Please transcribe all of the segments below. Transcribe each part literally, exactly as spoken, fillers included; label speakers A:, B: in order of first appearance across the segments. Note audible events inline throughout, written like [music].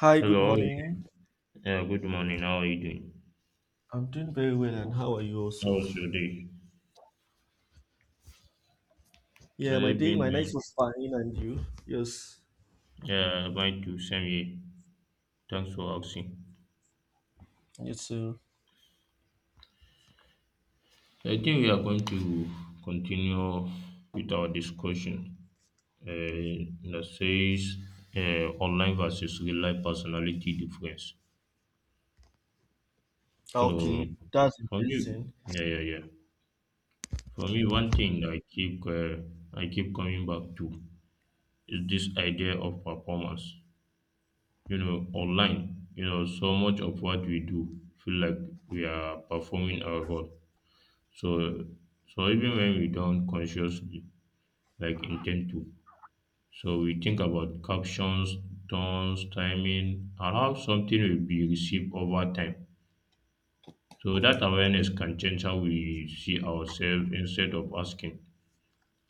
A: Hi, good
B: Hello, how are you?
A: morning.
B: Yeah, good morning. How are you doing?
A: I'm doing very well, and how are you
B: How
A: also?
B: was your day? How
A: Yeah, my
B: you
A: day, my
B: been
A: night
B: well.
A: was fine, and you? Yes,
B: Yeah, mine too. Same here. Thanks for asking.
A: you too.
B: I think we are going to continue with our discussion uh, that says uh, online versus real life personality difference. So,
A: Okay, that's
B: for
A: interesting.
B: me, yeah, yeah, yeah. For me, one thing I keep uh, I keep coming back to is this idea of performance. you know online you know so much of what we do feel like we are performing our role. So so even when we don't consciously like intend to, so we think about captions, tones, timing, and how something will be received over time. So that awareness can change how we see ourselves, instead of asking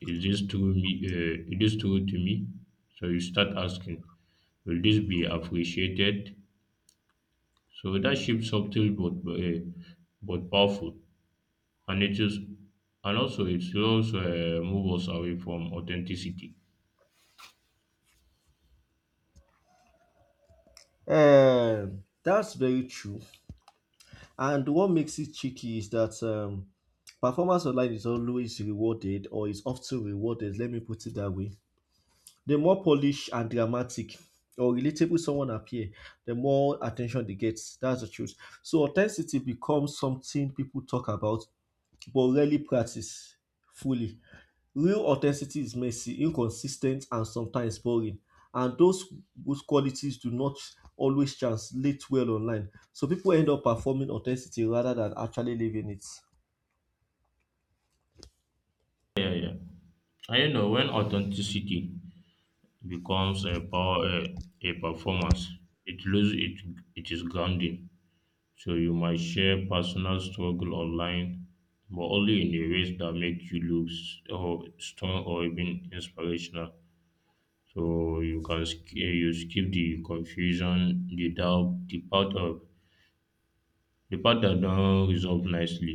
B: is this true me, uh, it is true to me, so you start asking will this be appreciated. So that shift, subtle but uh, but powerful, and it is, and also it slows uh, move us away from authenticity.
A: Um, that's very true. And what makes it tricky is that um, performance online is always rewarded, or is often rewarded. Let me put it that way. The more polished and dramatic or relatable someone appear, the more attention they get. That's the truth. So authenticity becomes something people talk about but rarely practiced fully. Real authenticity is messy, inconsistent, and sometimes boring. And those good qualities do not always translate well online. So people end up performing authenticity rather than actually living it.
B: Yeah, yeah. And you know when authenticity becomes a power, uh, a performance, it loses it it is grounding. So you might share personal struggle online, but only in a ways that make you look s- or strong or even inspirational. So you can sk- you skip the confusion, the doubt, the part of the part that don't resolve nicely.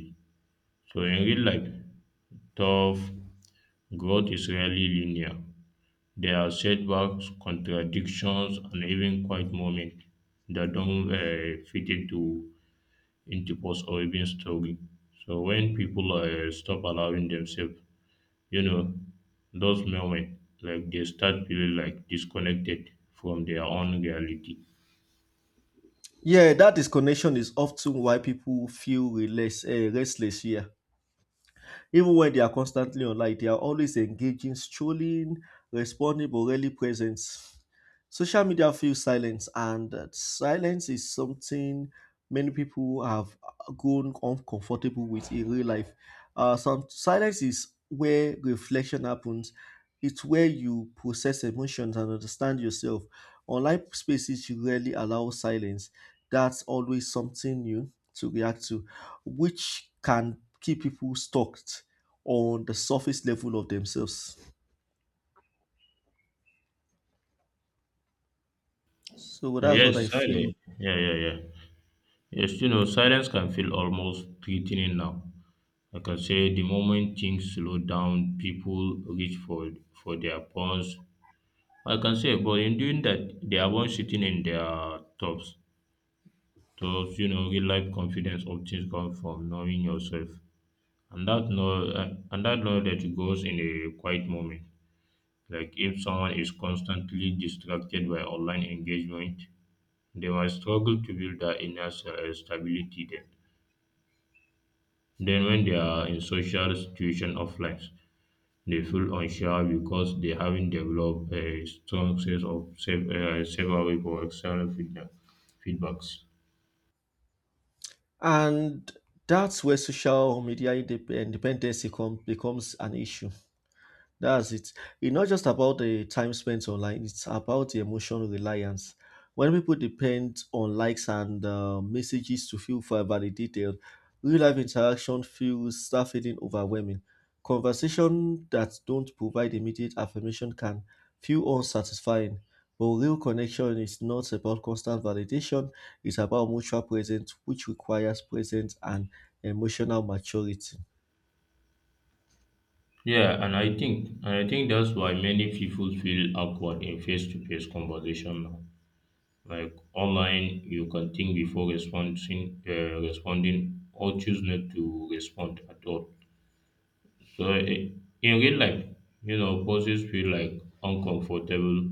B: So in real life, tough growth is rarely linear. There are setbacks, contradictions, and even quiet moments that don't uh, fit into into post or even story. So when people uh, stop allowing themselves, you know, those moments, like they start feeling like disconnected from their own reality.
A: Yeah, that disconnection is often why people feel restless, uh, restless here. Even when they are constantly online, they are always engaging, strolling, responding, but rarely present. Social media feels silence, and that silence is something many people have grown uncomfortable with in real life. Uh, some silence is where reflection happens. It's where you process emotions and understand yourself. Online spaces you rarely allow silence. That's always something new to react to, which can keep people stuck on the surface level of themselves. So that's what I
B: Yes,
A: feel.
B: silence. Yeah, yeah, yeah. Yes, you know, silence can feel almost threatening now. Like I can say the moment things slow down, people reach for for their phones. Like I can say, but in doing that, they are once sitting in their tops. So you know, real life confidence often comes from knowing yourself, and that know and and that knowledge goes in a quiet moment. Like if someone is constantly distracted by online engagement, they might struggle to build that inner se- stability then. Then, when they are in social situation offline, they feel unsure because they haven't developed a strong sense of self, uh, self aware for external feedback, feedbacks.
A: And that's where social media indep- independence become, becomes an issue. That's it. It's not just about the time spent online, it's about the emotional reliance. When people depend on likes and uh, messages to feel fi- validated, real life interaction feels start feeling overwhelming. Conversation that don't provide immediate affirmation can feel unsatisfying. But real connection is not about constant validation, it's about mutual presence, which requires presence and emotional maturity.
B: Yeah, and I think and I think that's why many people feel awkward in face to face conversation now. Like online, you can think before responding, uh, responding, or choose not to respond at all. So in in real life, you know, poses feel like uncomfortable.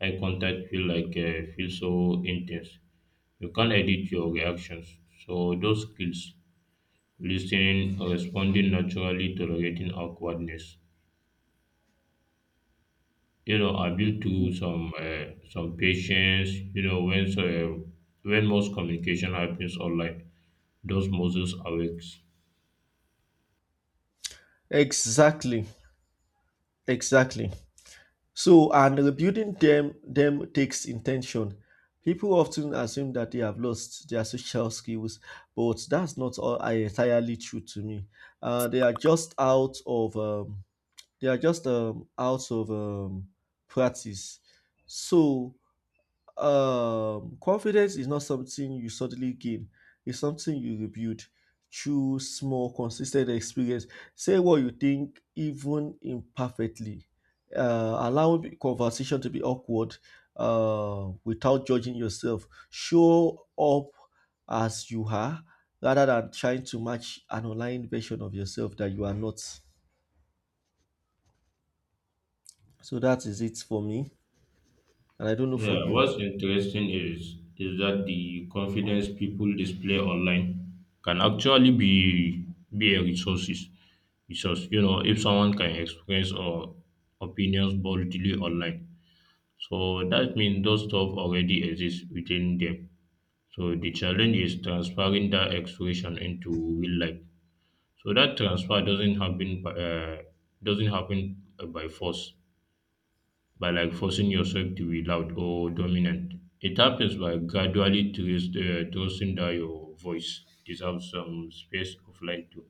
B: Eye contact feel like uh, feel so intense. You can't edit your reactions. So those skills, listening, responding naturally, tolerating awkwardness, you know, are built to some uh, some patience. You know, when so, uh, when most communication happens online, those muscles awakes.
A: Exactly, exactly. So, and rebuilding them them takes intention. People often assume that they have lost their social skills, but that's not all, uh, entirely true to me. Uh, they are just out of um, they are just um, out of um, practice. So um confidence is not something you suddenly gain, it's something you rebuild through small consistent experience. Say what you think, even imperfectly. Uh, allow the conversation to be awkward uh, without judging yourself. Show up as you are rather than trying to match an online version of yourself that you are not. So that is it for me, and I don't know for
B: Yeah,
A: you.
B: what's interesting is is that the confidence people display online can actually be be a resources resource. You know, if someone can express or opinions boldly online, so that means those stuff already exists within them. So the challenge is transferring that expression into real life. So that transfer doesn't happen by, uh, doesn't happen by force, by like forcing yourself to be loud or dominant. It happens by gradually trust, uh, trusting that your voice deserves some space offline too.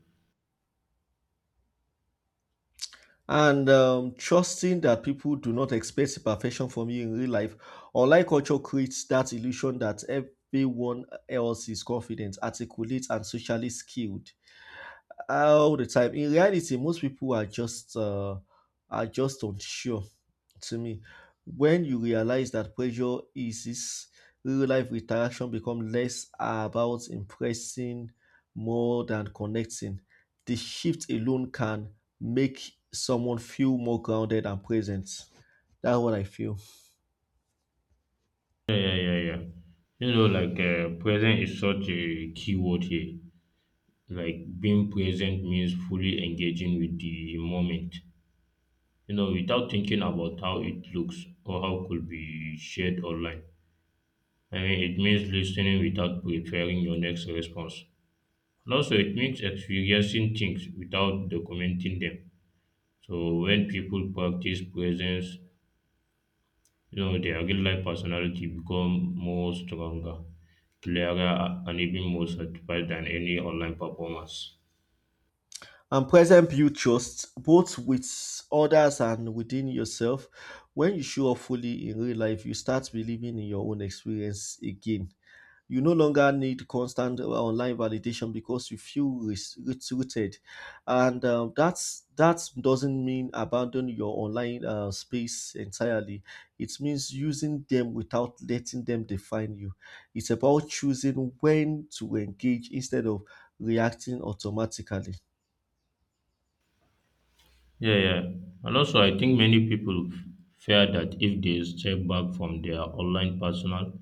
A: And um, trusting that people do not expect perfection from you in real life. Online culture creates that illusion that everyone else is confident, articulate, and socially skilled all the time. In reality, most people are just uh, are just unsure. To me, when you realize that pressure eases, real life interaction become less about impressing more than connecting. The shift alone can make someone feel more grounded and present. That's what I feel.
B: Yeah, yeah, yeah, yeah. You know, like uh, present is such a key word here. Like being present means fully engaging with the moment. You know, without thinking about how it looks or how could be shared online. I mean, it means listening without preparing your next response. And also, it makes experiencing things without documenting them. So when people practice presence, you know, their real life personality become more stronger, clearer, and even more satisfied than any online performance.
A: And present build trust both with others and within yourself. When you show up fully in real life, you start believing in your own experience again. You no longer need constant uh, online validation because you feel res- roots- rooted, and um, that's that doesn't mean abandon your online uh, space entirely. It means using them without letting them define you. It's about choosing when to engage instead of reacting automatically.
B: Yeah, yeah. And also, I think many people f- fear that if they step back from their online personal,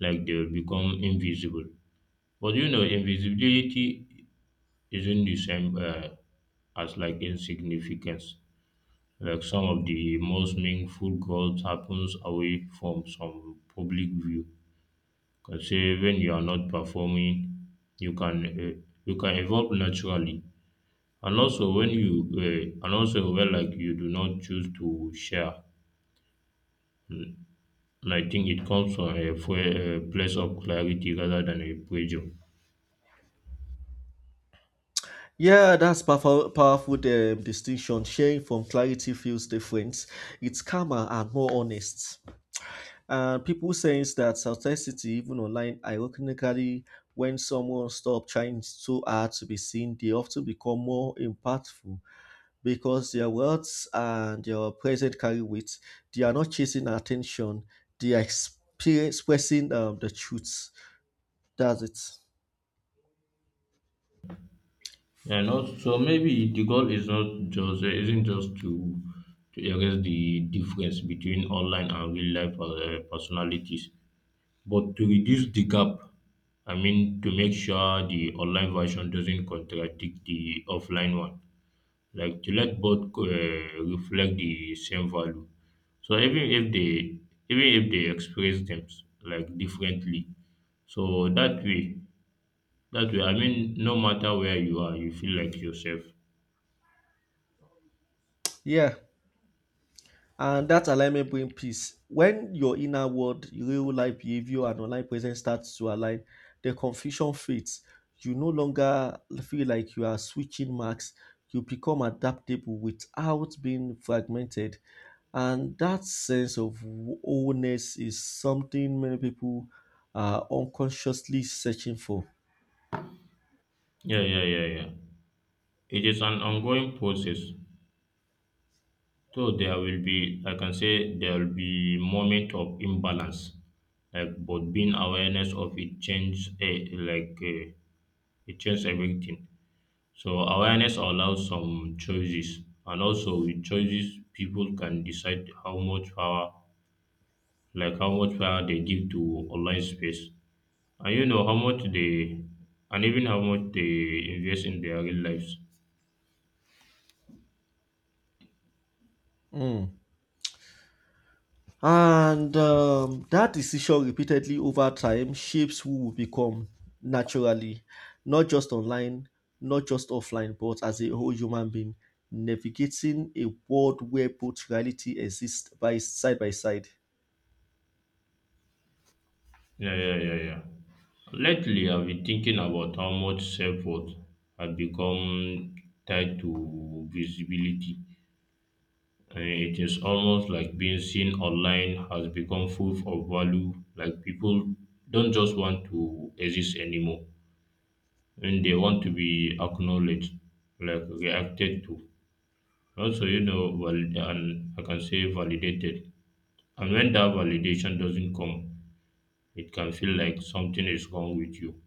B: like they will become invisible. But you know, invisibility isn't the same uh, as like insignificance. Like some of the most meaningful growth happens away from some public view. Can say when you are not performing, you can uh, you can evolve naturally, and also when you uh, and also when like you do not choose to share. And I think it comes from a, fo- a place of clarity rather than a pressure.
A: Yeah, that's powerful, powerful um, distinction. Sharing from clarity feels different. It's calmer and more honest. And people saying that authenticity, even online, ironically, when someone stops trying so hard to be seen, they often become more impactful because their words and their present carry weight. They are not chasing attention. They are expe- expressing um, the truth. That's it.
B: And also maybe the goal is not just uh, isn't just to to erase the difference between online and real life uh, personalities, but to reduce the gap. I mean to make sure the online version doesn't contradict the offline one, like to let both uh, reflect the same value. So even if they even if they express them like differently, so that way, that way, I mean, no matter where you are, you feel like yourself.
A: Yeah. And that alignment brings peace. When your inner world, real life behavior, and online presence starts to align, the confusion fades. You no longer feel like you are switching marks. You become adaptable without being fragmented. And that sense of wholeness is something many people are unconsciously searching for.
B: Yeah, yeah, yeah, yeah. It is an ongoing process. So there will be, I can say there will be moment of imbalance, like but being awareness of it change eh, like eh, it change everything. So awareness allows some choices, and also with choices, people can decide how much power, like how much power, they give to online space, and you know how much they, and even how much they invest in their real lives.
A: Mm. And um, that decision repeatedly over time shapes who we become naturally, not just online, not just offline, but as a whole human being, navigating a world where both reality exists by side by side.
B: Yeah, yeah, yeah, yeah. Lately, I've been thinking about how much self-worth has become tied to visibility. Uh, it is almost like being seen online has become proof of value. Like people don't just want to exist anymore, and they want to be acknowledged, like reacted to. Also, you know, valid- and I can say validated. And when that validation doesn't come, it can feel like something is wrong with you.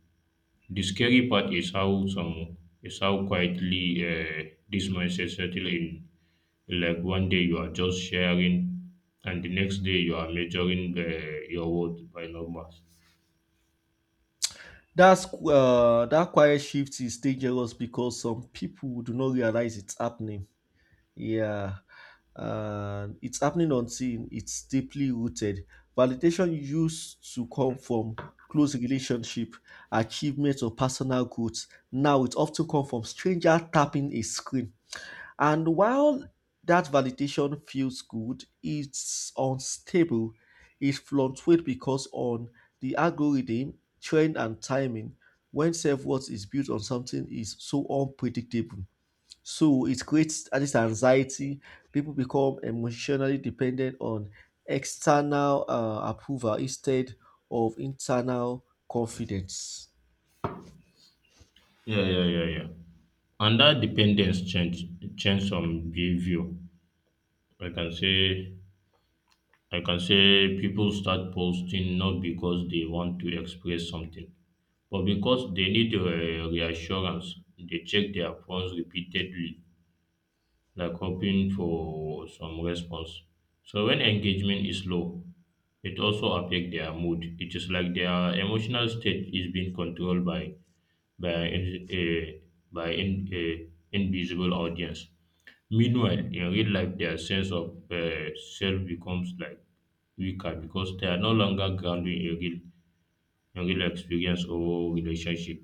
B: The scary part is how some is how quietly uh, this mindset settle in. Like one day you are just sharing, and the next day you are measuring uh, your worth by numbers.
A: That's uh, that quiet shift is dangerous because some people do not realize it's happening. Yeah, uh, it's happening on scene. It's deeply rooted. Validation used to come from close relationship, achievements, or personal growth. Now it often comes from stranger tapping a screen. And while that validation feels good, it's unstable. It fluctuates because on the algorithm, trend, and timing. When self-worth is built on something is so unpredictable. So it creates uh, this anxiety. People become emotionally dependent on external uh, approval instead of internal confidence.
B: Yeah, yeah, yeah, yeah. And that dependence change change some behavior. I can say I can say people start posting not because they want to express something, but because they need uh, reassurance. They check their phones repeatedly like hoping for some response. So when engagement is low, it also affects their mood. It is like their emotional state is being controlled by by in, eh, by in, eh, invisible audience. Meanwhile, in real life, their sense of uh, self becomes like weaker because they are no longer grounded in real, in real experience or relationship.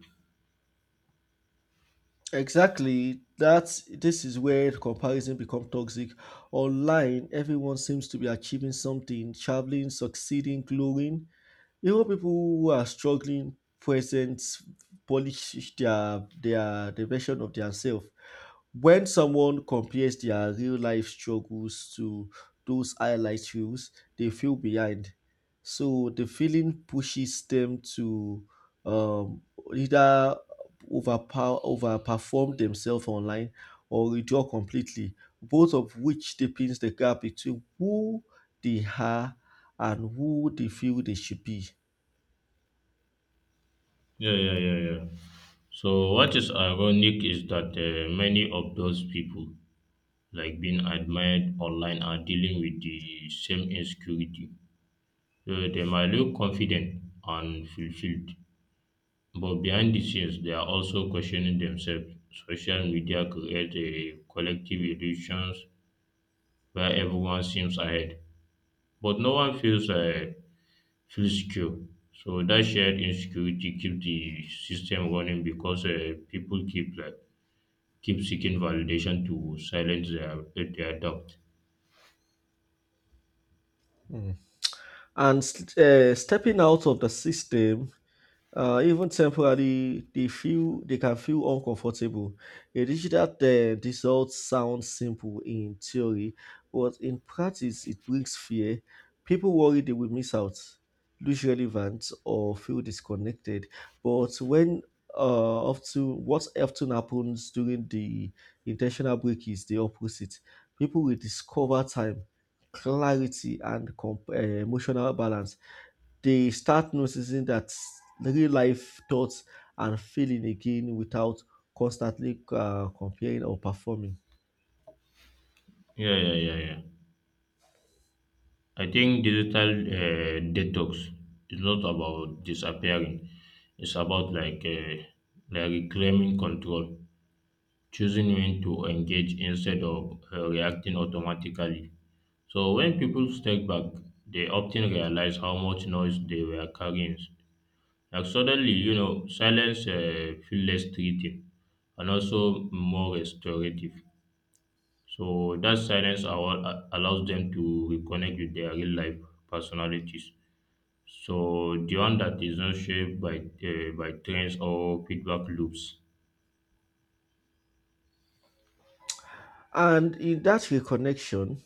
A: Exactly. That's this is where comparison becomes toxic. Online, everyone seems to be achieving something, traveling, succeeding, glowing. Even people who are struggling present polish their their the version of themselves. When someone compares their real life struggles to those highlight reels, they feel behind. So the feeling pushes them to um, either overpower overperform themselves online or withdraw completely, both of which deepens the gap between who they are and who they feel they should be.
B: Yeah, yeah, yeah, yeah. So what is ironic is that uh, many of those people like being admired online are dealing with the same insecurity. So they might look confident and fulfilled, but behind the scenes, they are also questioning themselves. Social media creates a collective illusion where everyone seems ahead, but no one feels uh, feels secure. So that shared insecurity keeps the system running because uh, people keep like keep seeking validation to silence their their doubt.
A: Mm. And uh, stepping out of the system, uh, even temporarily, they feel they can feel uncomfortable. A digital uh, result sounds simple in theory, but in practice, it brings fear. People worry they will miss out, lose relevance, or feel disconnected. But when uh, often what often happens during the intentional break is the opposite. People will discover time, clarity, and comp- uh, emotional balance. They start noticing that real life thoughts and feeling again without constantly uh, comparing or performing.
B: Yeah, yeah, yeah, yeah. I think digital uh, detox is not about disappearing. It's about like uh, like reclaiming control, choosing when to engage instead of uh, reacting automatically. So when people step back, they often realize how much noise they were carrying. Like suddenly, you know, silence uh, feels less treating and also more restorative. So that silence allow- allows them to reconnect with their real life personalities, so the one that is not shaped by uh, by trends or feedback loops.
A: And in that reconnection,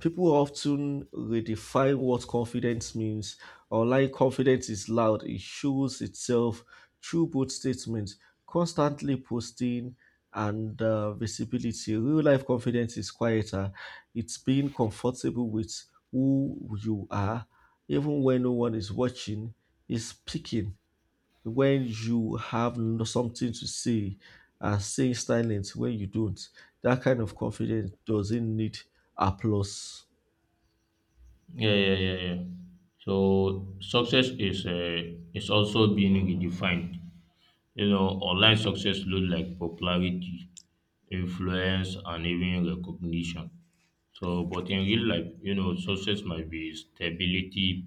A: people often redefine what confidence means. Online confidence is loud, it shows itself through bold statements, constantly posting, and uh, visibility. Real life confidence is quieter, it's being comfortable with who you are, even when no one is watching, is speaking when you have no- something to say, and staying silent when you don't. That kind of confidence doesn't need applause.
B: Yeah, yeah, yeah, yeah. So success is uh, is also being redefined. You know, online success looks like popularity, influence, and even recognition. So, but in real life, you know, success might be stability,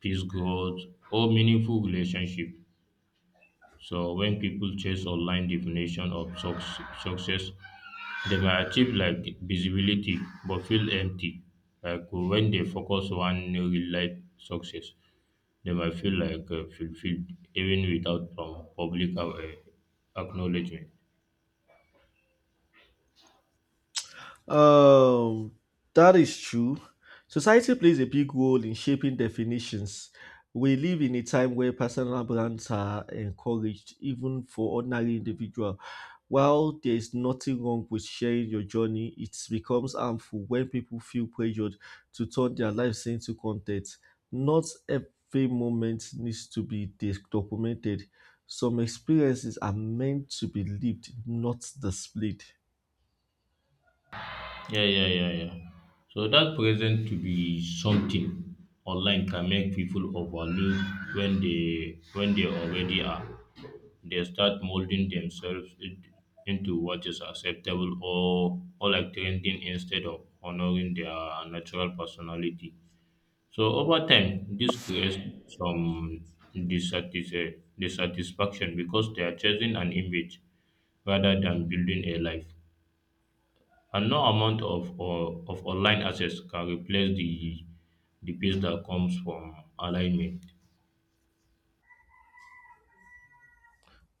B: peace, growth, or meaningful relationship. So when people chase online definition of suc- success, they may achieve like visibility but feel empty. Like when they focus on real life success, they might feel like uh, fulfilled even without um, public uh, acknowledgement.
A: Um, that is true. Society plays a big role in shaping definitions. We live in a time where personal brands are encouraged, even for ordinary individual. While there is nothing wrong with sharing your journey, it becomes harmful when people feel pressured to turn their lives into content. Not every moment needs to be dis- documented. Some experiences are meant to be lived, not displayed.
B: Yeah, yeah, yeah, yeah. So that present to be something online can make people overlook when they when they already are. They start molding themselves in- into what is acceptable or or like trending instead of honoring their natural personality. So over time, this creates some dissatis- dissatisfaction because they are chasing an image rather than building a life. And no amount of or of online access can replace the the peace that comes from alignment.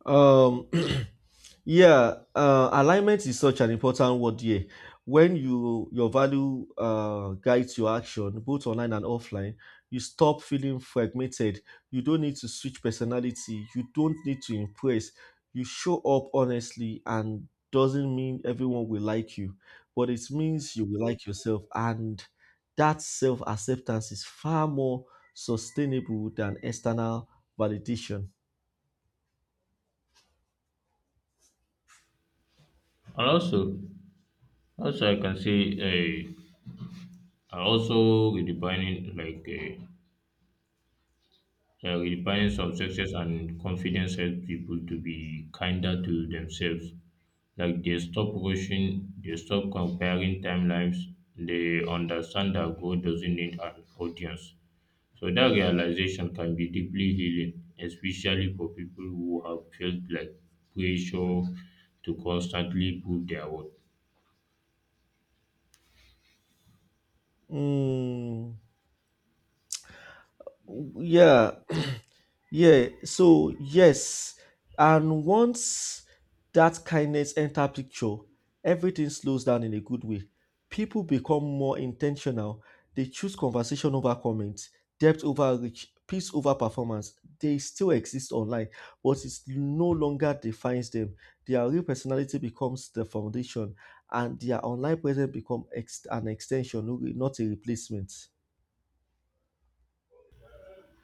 A: Um, [clears throat] yeah, uh, alignment is such an important word here. When you your value uh, guides your action, both online and offline, you stop feeling fragmented. You don't need to switch personality. You don't need to impress. You show up honestly, and doesn't mean everyone will like you, but it means you will like yourself, and that self acceptance is far more sustainable than external validation.
B: And also, also I can say, uh, and also redefining like uh, uh, redefining some success and confidence helps people to be kinder to themselves. Like they stop rushing, they stop comparing timelines. They understand that God doesn't need an audience. So that realization can be deeply healing, especially for people who have felt like pressure to constantly prove their worth.
A: Mm, yeah. [clears throat] Yeah, so yes. And once that kindness enter picture, everything slows down in a good way. People become more intentional. They choose conversation over comment, depth over reach, peace over performance. They still exist online, but it no longer defines them. Their real personality becomes the foundation, and their online presence become ex- an extension, no- not a replacement.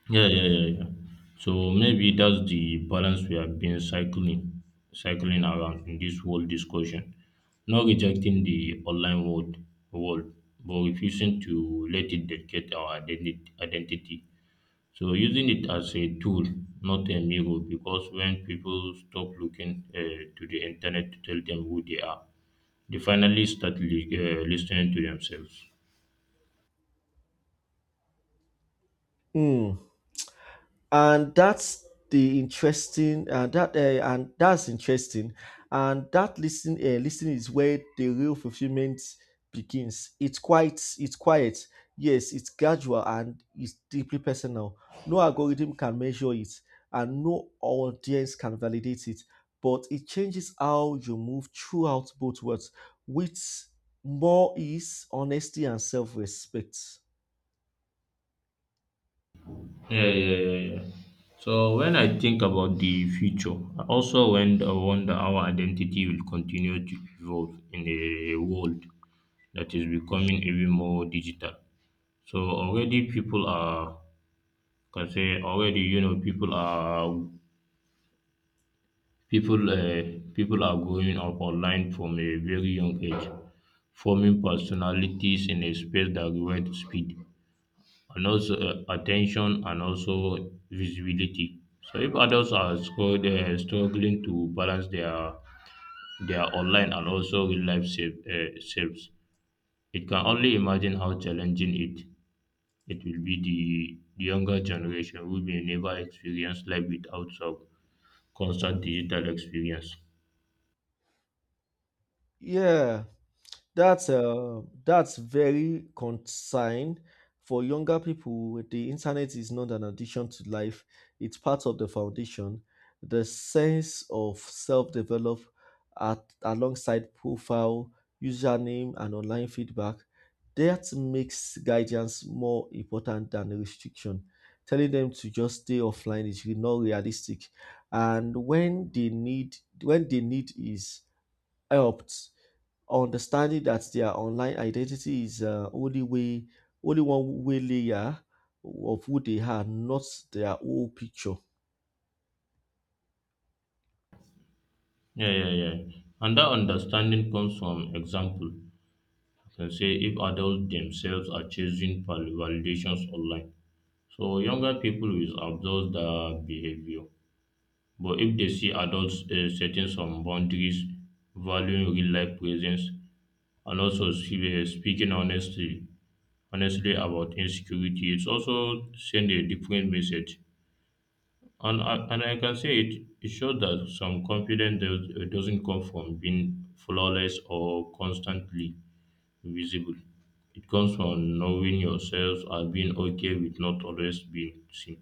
B: Yeah, yeah, yeah, yeah. So maybe that's the balance we have been cycling, cycling around in this whole discussion. Not rejecting the online world, world, but refusing to let it dictate our identi- identity So using it as a tool, not a mirror, because when people stop looking uh, to the internet to tell them who they are, they finally start li- uh, listening to themselves.
A: Hmm. And that's the interesting, uh, that uh, and that's interesting. And that listening, uh, listening is where the real fulfillment begins. It's quite it's quiet, yes. It's gradual and it's deeply personal. No algorithm can measure it, and no audience can validate it, but it changes how you move throughout both worlds with more ease, honesty, and self-respect.
B: Yeah, yeah, yeah, yeah. So when I think about the future, I also wonder, wonder how identity will continue to evolve in a world that is becoming even more digital. So already people are, can say already you know people are People, uh, people are growing up online from a very young age, forming personalities in a space that rewards speed and also uh, attention and also visibility. So if adults are scru- uh, struggling to balance their their online and also real life self, uh, selves, it can only imagine how challenging it it will be the, the younger generation who may never experience life without some constant digital experience.
A: Yeah, that's uh, that's very concerned for younger people. The internet is not an addition to life; it's part of the foundation. The sense of self-develop, at alongside profile, username, and online feedback, that makes guidance more important than a restriction. Telling them to just stay offline is really not realistic, and when they need when they need is helped understanding that their online identity is uh, only way only one way layer of who they are, not their whole picture.
B: Yeah, yeah, yeah. And that understanding comes from example. I can say if adults themselves are chasing val- validations online. So younger people will observe their behavior. But if they see adults uh, setting some boundaries, valuing real life presence, and also see- uh, speaking honestly, honestly about insecurity, it's also send a different message. And I, and I can say it, it shows that some confidence does, doesn't come from being flawless or constantly visible. It comes from knowing yourself and being okay with not always being seen.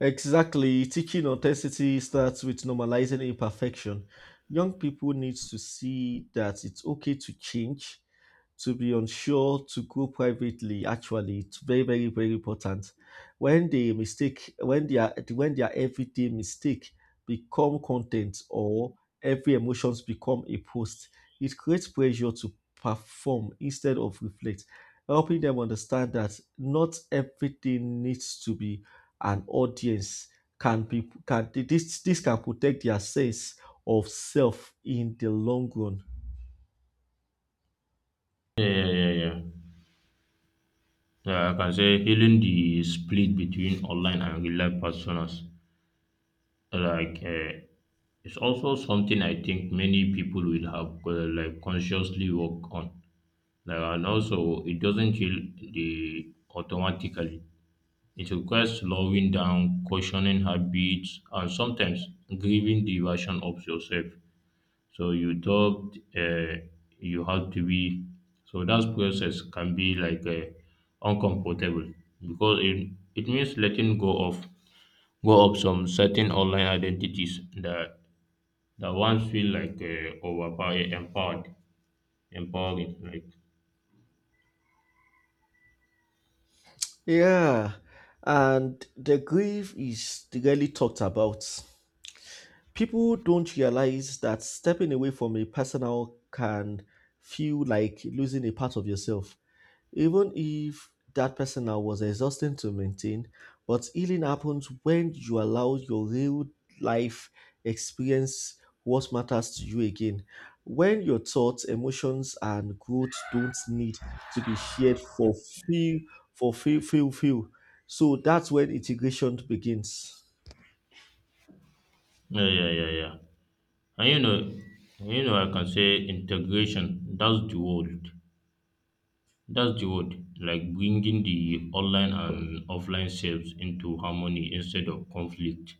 A: Exactly. Teaching authenticity starts with normalizing imperfection. Young people need to see that it's okay to change, to be unsure, to go privately. Actually, it's very very very important. When they mistake when their when their everyday mistake become content, or every emotions become a post, it creates pressure to perform instead of reflect. Helping them understand that not everything needs to be an audience can be can this this can protect their sense of self in the long run.
B: Yeah, yeah, yeah, yeah. Yeah, Yeah, I can say healing the split between online and real life personas. Like, uh, it's also something I think many people will have uh, like consciously work on. Like, and also, it doesn't heal the automatically. It requires slowing down, questioning habits, and sometimes grieving the version of yourself. So you thought uh, you have to be. So that process can be like uh, uncomfortable because it, it means letting go of go of some certain online identities that that once feel like uh, overpower empowered, empowering. Like
A: Yeah, and the grief is rarely talked about. People don't realize that stepping away from a personal can feel like losing a part of yourself, even if that personal was exhausting to maintain. But healing happens when you allow your real life experience what matters to you again. When your thoughts, emotions, and growth don't need to be shared for feel for feel feel feel, so that's when integration begins.
B: yeah, yeah, yeah, yeah. And you know, you know, I can say integration. That's the word. That's the word, like bringing the online and offline selves into harmony instead of conflict.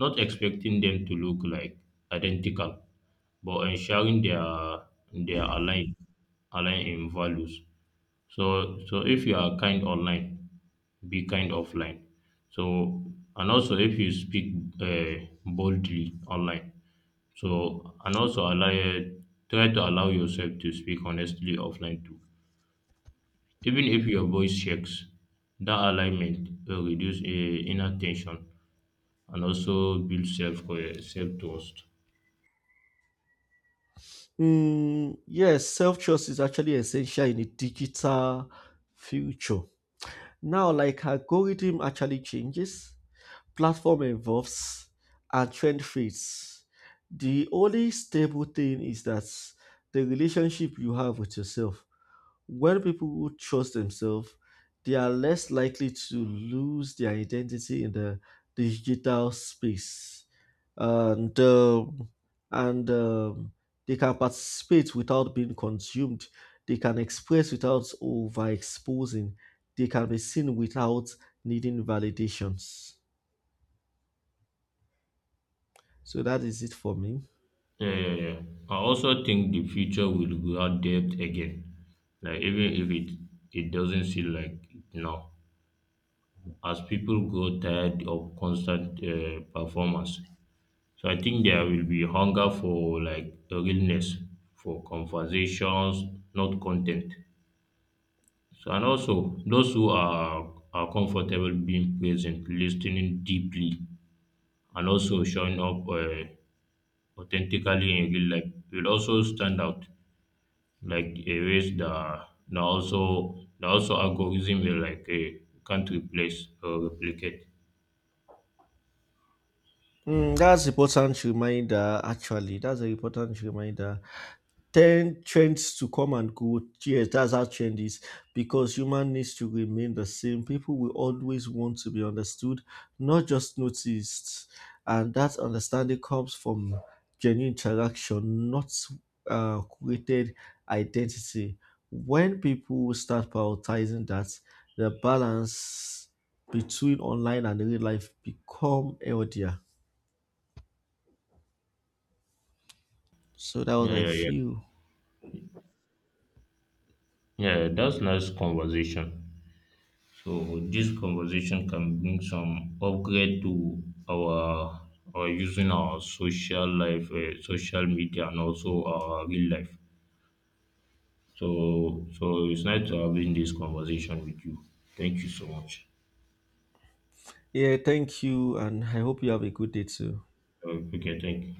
B: Not expecting them to look like identical, but ensuring they are they are aligned, aligned in values. So so if you are kind online, be kind offline. So and also if you speak uh, boldly online, so and also allow try to allow yourself to speak honestly offline too, even if your voice shakes. That alignment will reduce uh, inner tension and also build self self trust.
A: Mm, yes, self trust is actually essential in a digital future. Now, like algorithm actually changes, platform evolves, and trend fades. The only stable thing is that the relationship you have with yourself. When people trust themselves, they are less likely to lose their identity in the digital space. And um, and um, they can participate without being consumed. They can express without overexposing. They can be seen without needing validations. So that is it for me.
B: Uh, I also think the future will grow depth again, like even if it it doesn't seem like it now, as people grow tired of constant uh, performance. So I think there will be hunger for like realness, for conversations, not content. So and also those who are are comfortable being present, listening deeply, and also showing up uh, authentically in real life will also stand out. Like a ways that that also that also algorithm will like uh, can't replace or replicate.
A: Mm, that's important reminder. Actually, that's an important reminder. Ten trends to come and go. Yes, that's how trend is because human needs to remain the same. People will always want to be understood, not just noticed, and that understanding comes from genuine interaction, not uh, created identity. When people start prioritizing that, the balance between online and real life become healthier. So that was
B: Yeah,
A: I
B: yeah, yeah.
A: feel.
B: Yeah, that's nice conversation. So this conversation can bring some upgrade to our our using our social life, uh, social media, and also our real life. So so it's nice to having this conversation with you. Thank you so much.
A: Yeah, thank you, and I hope you have a good day too.
B: Uh, okay, thank you.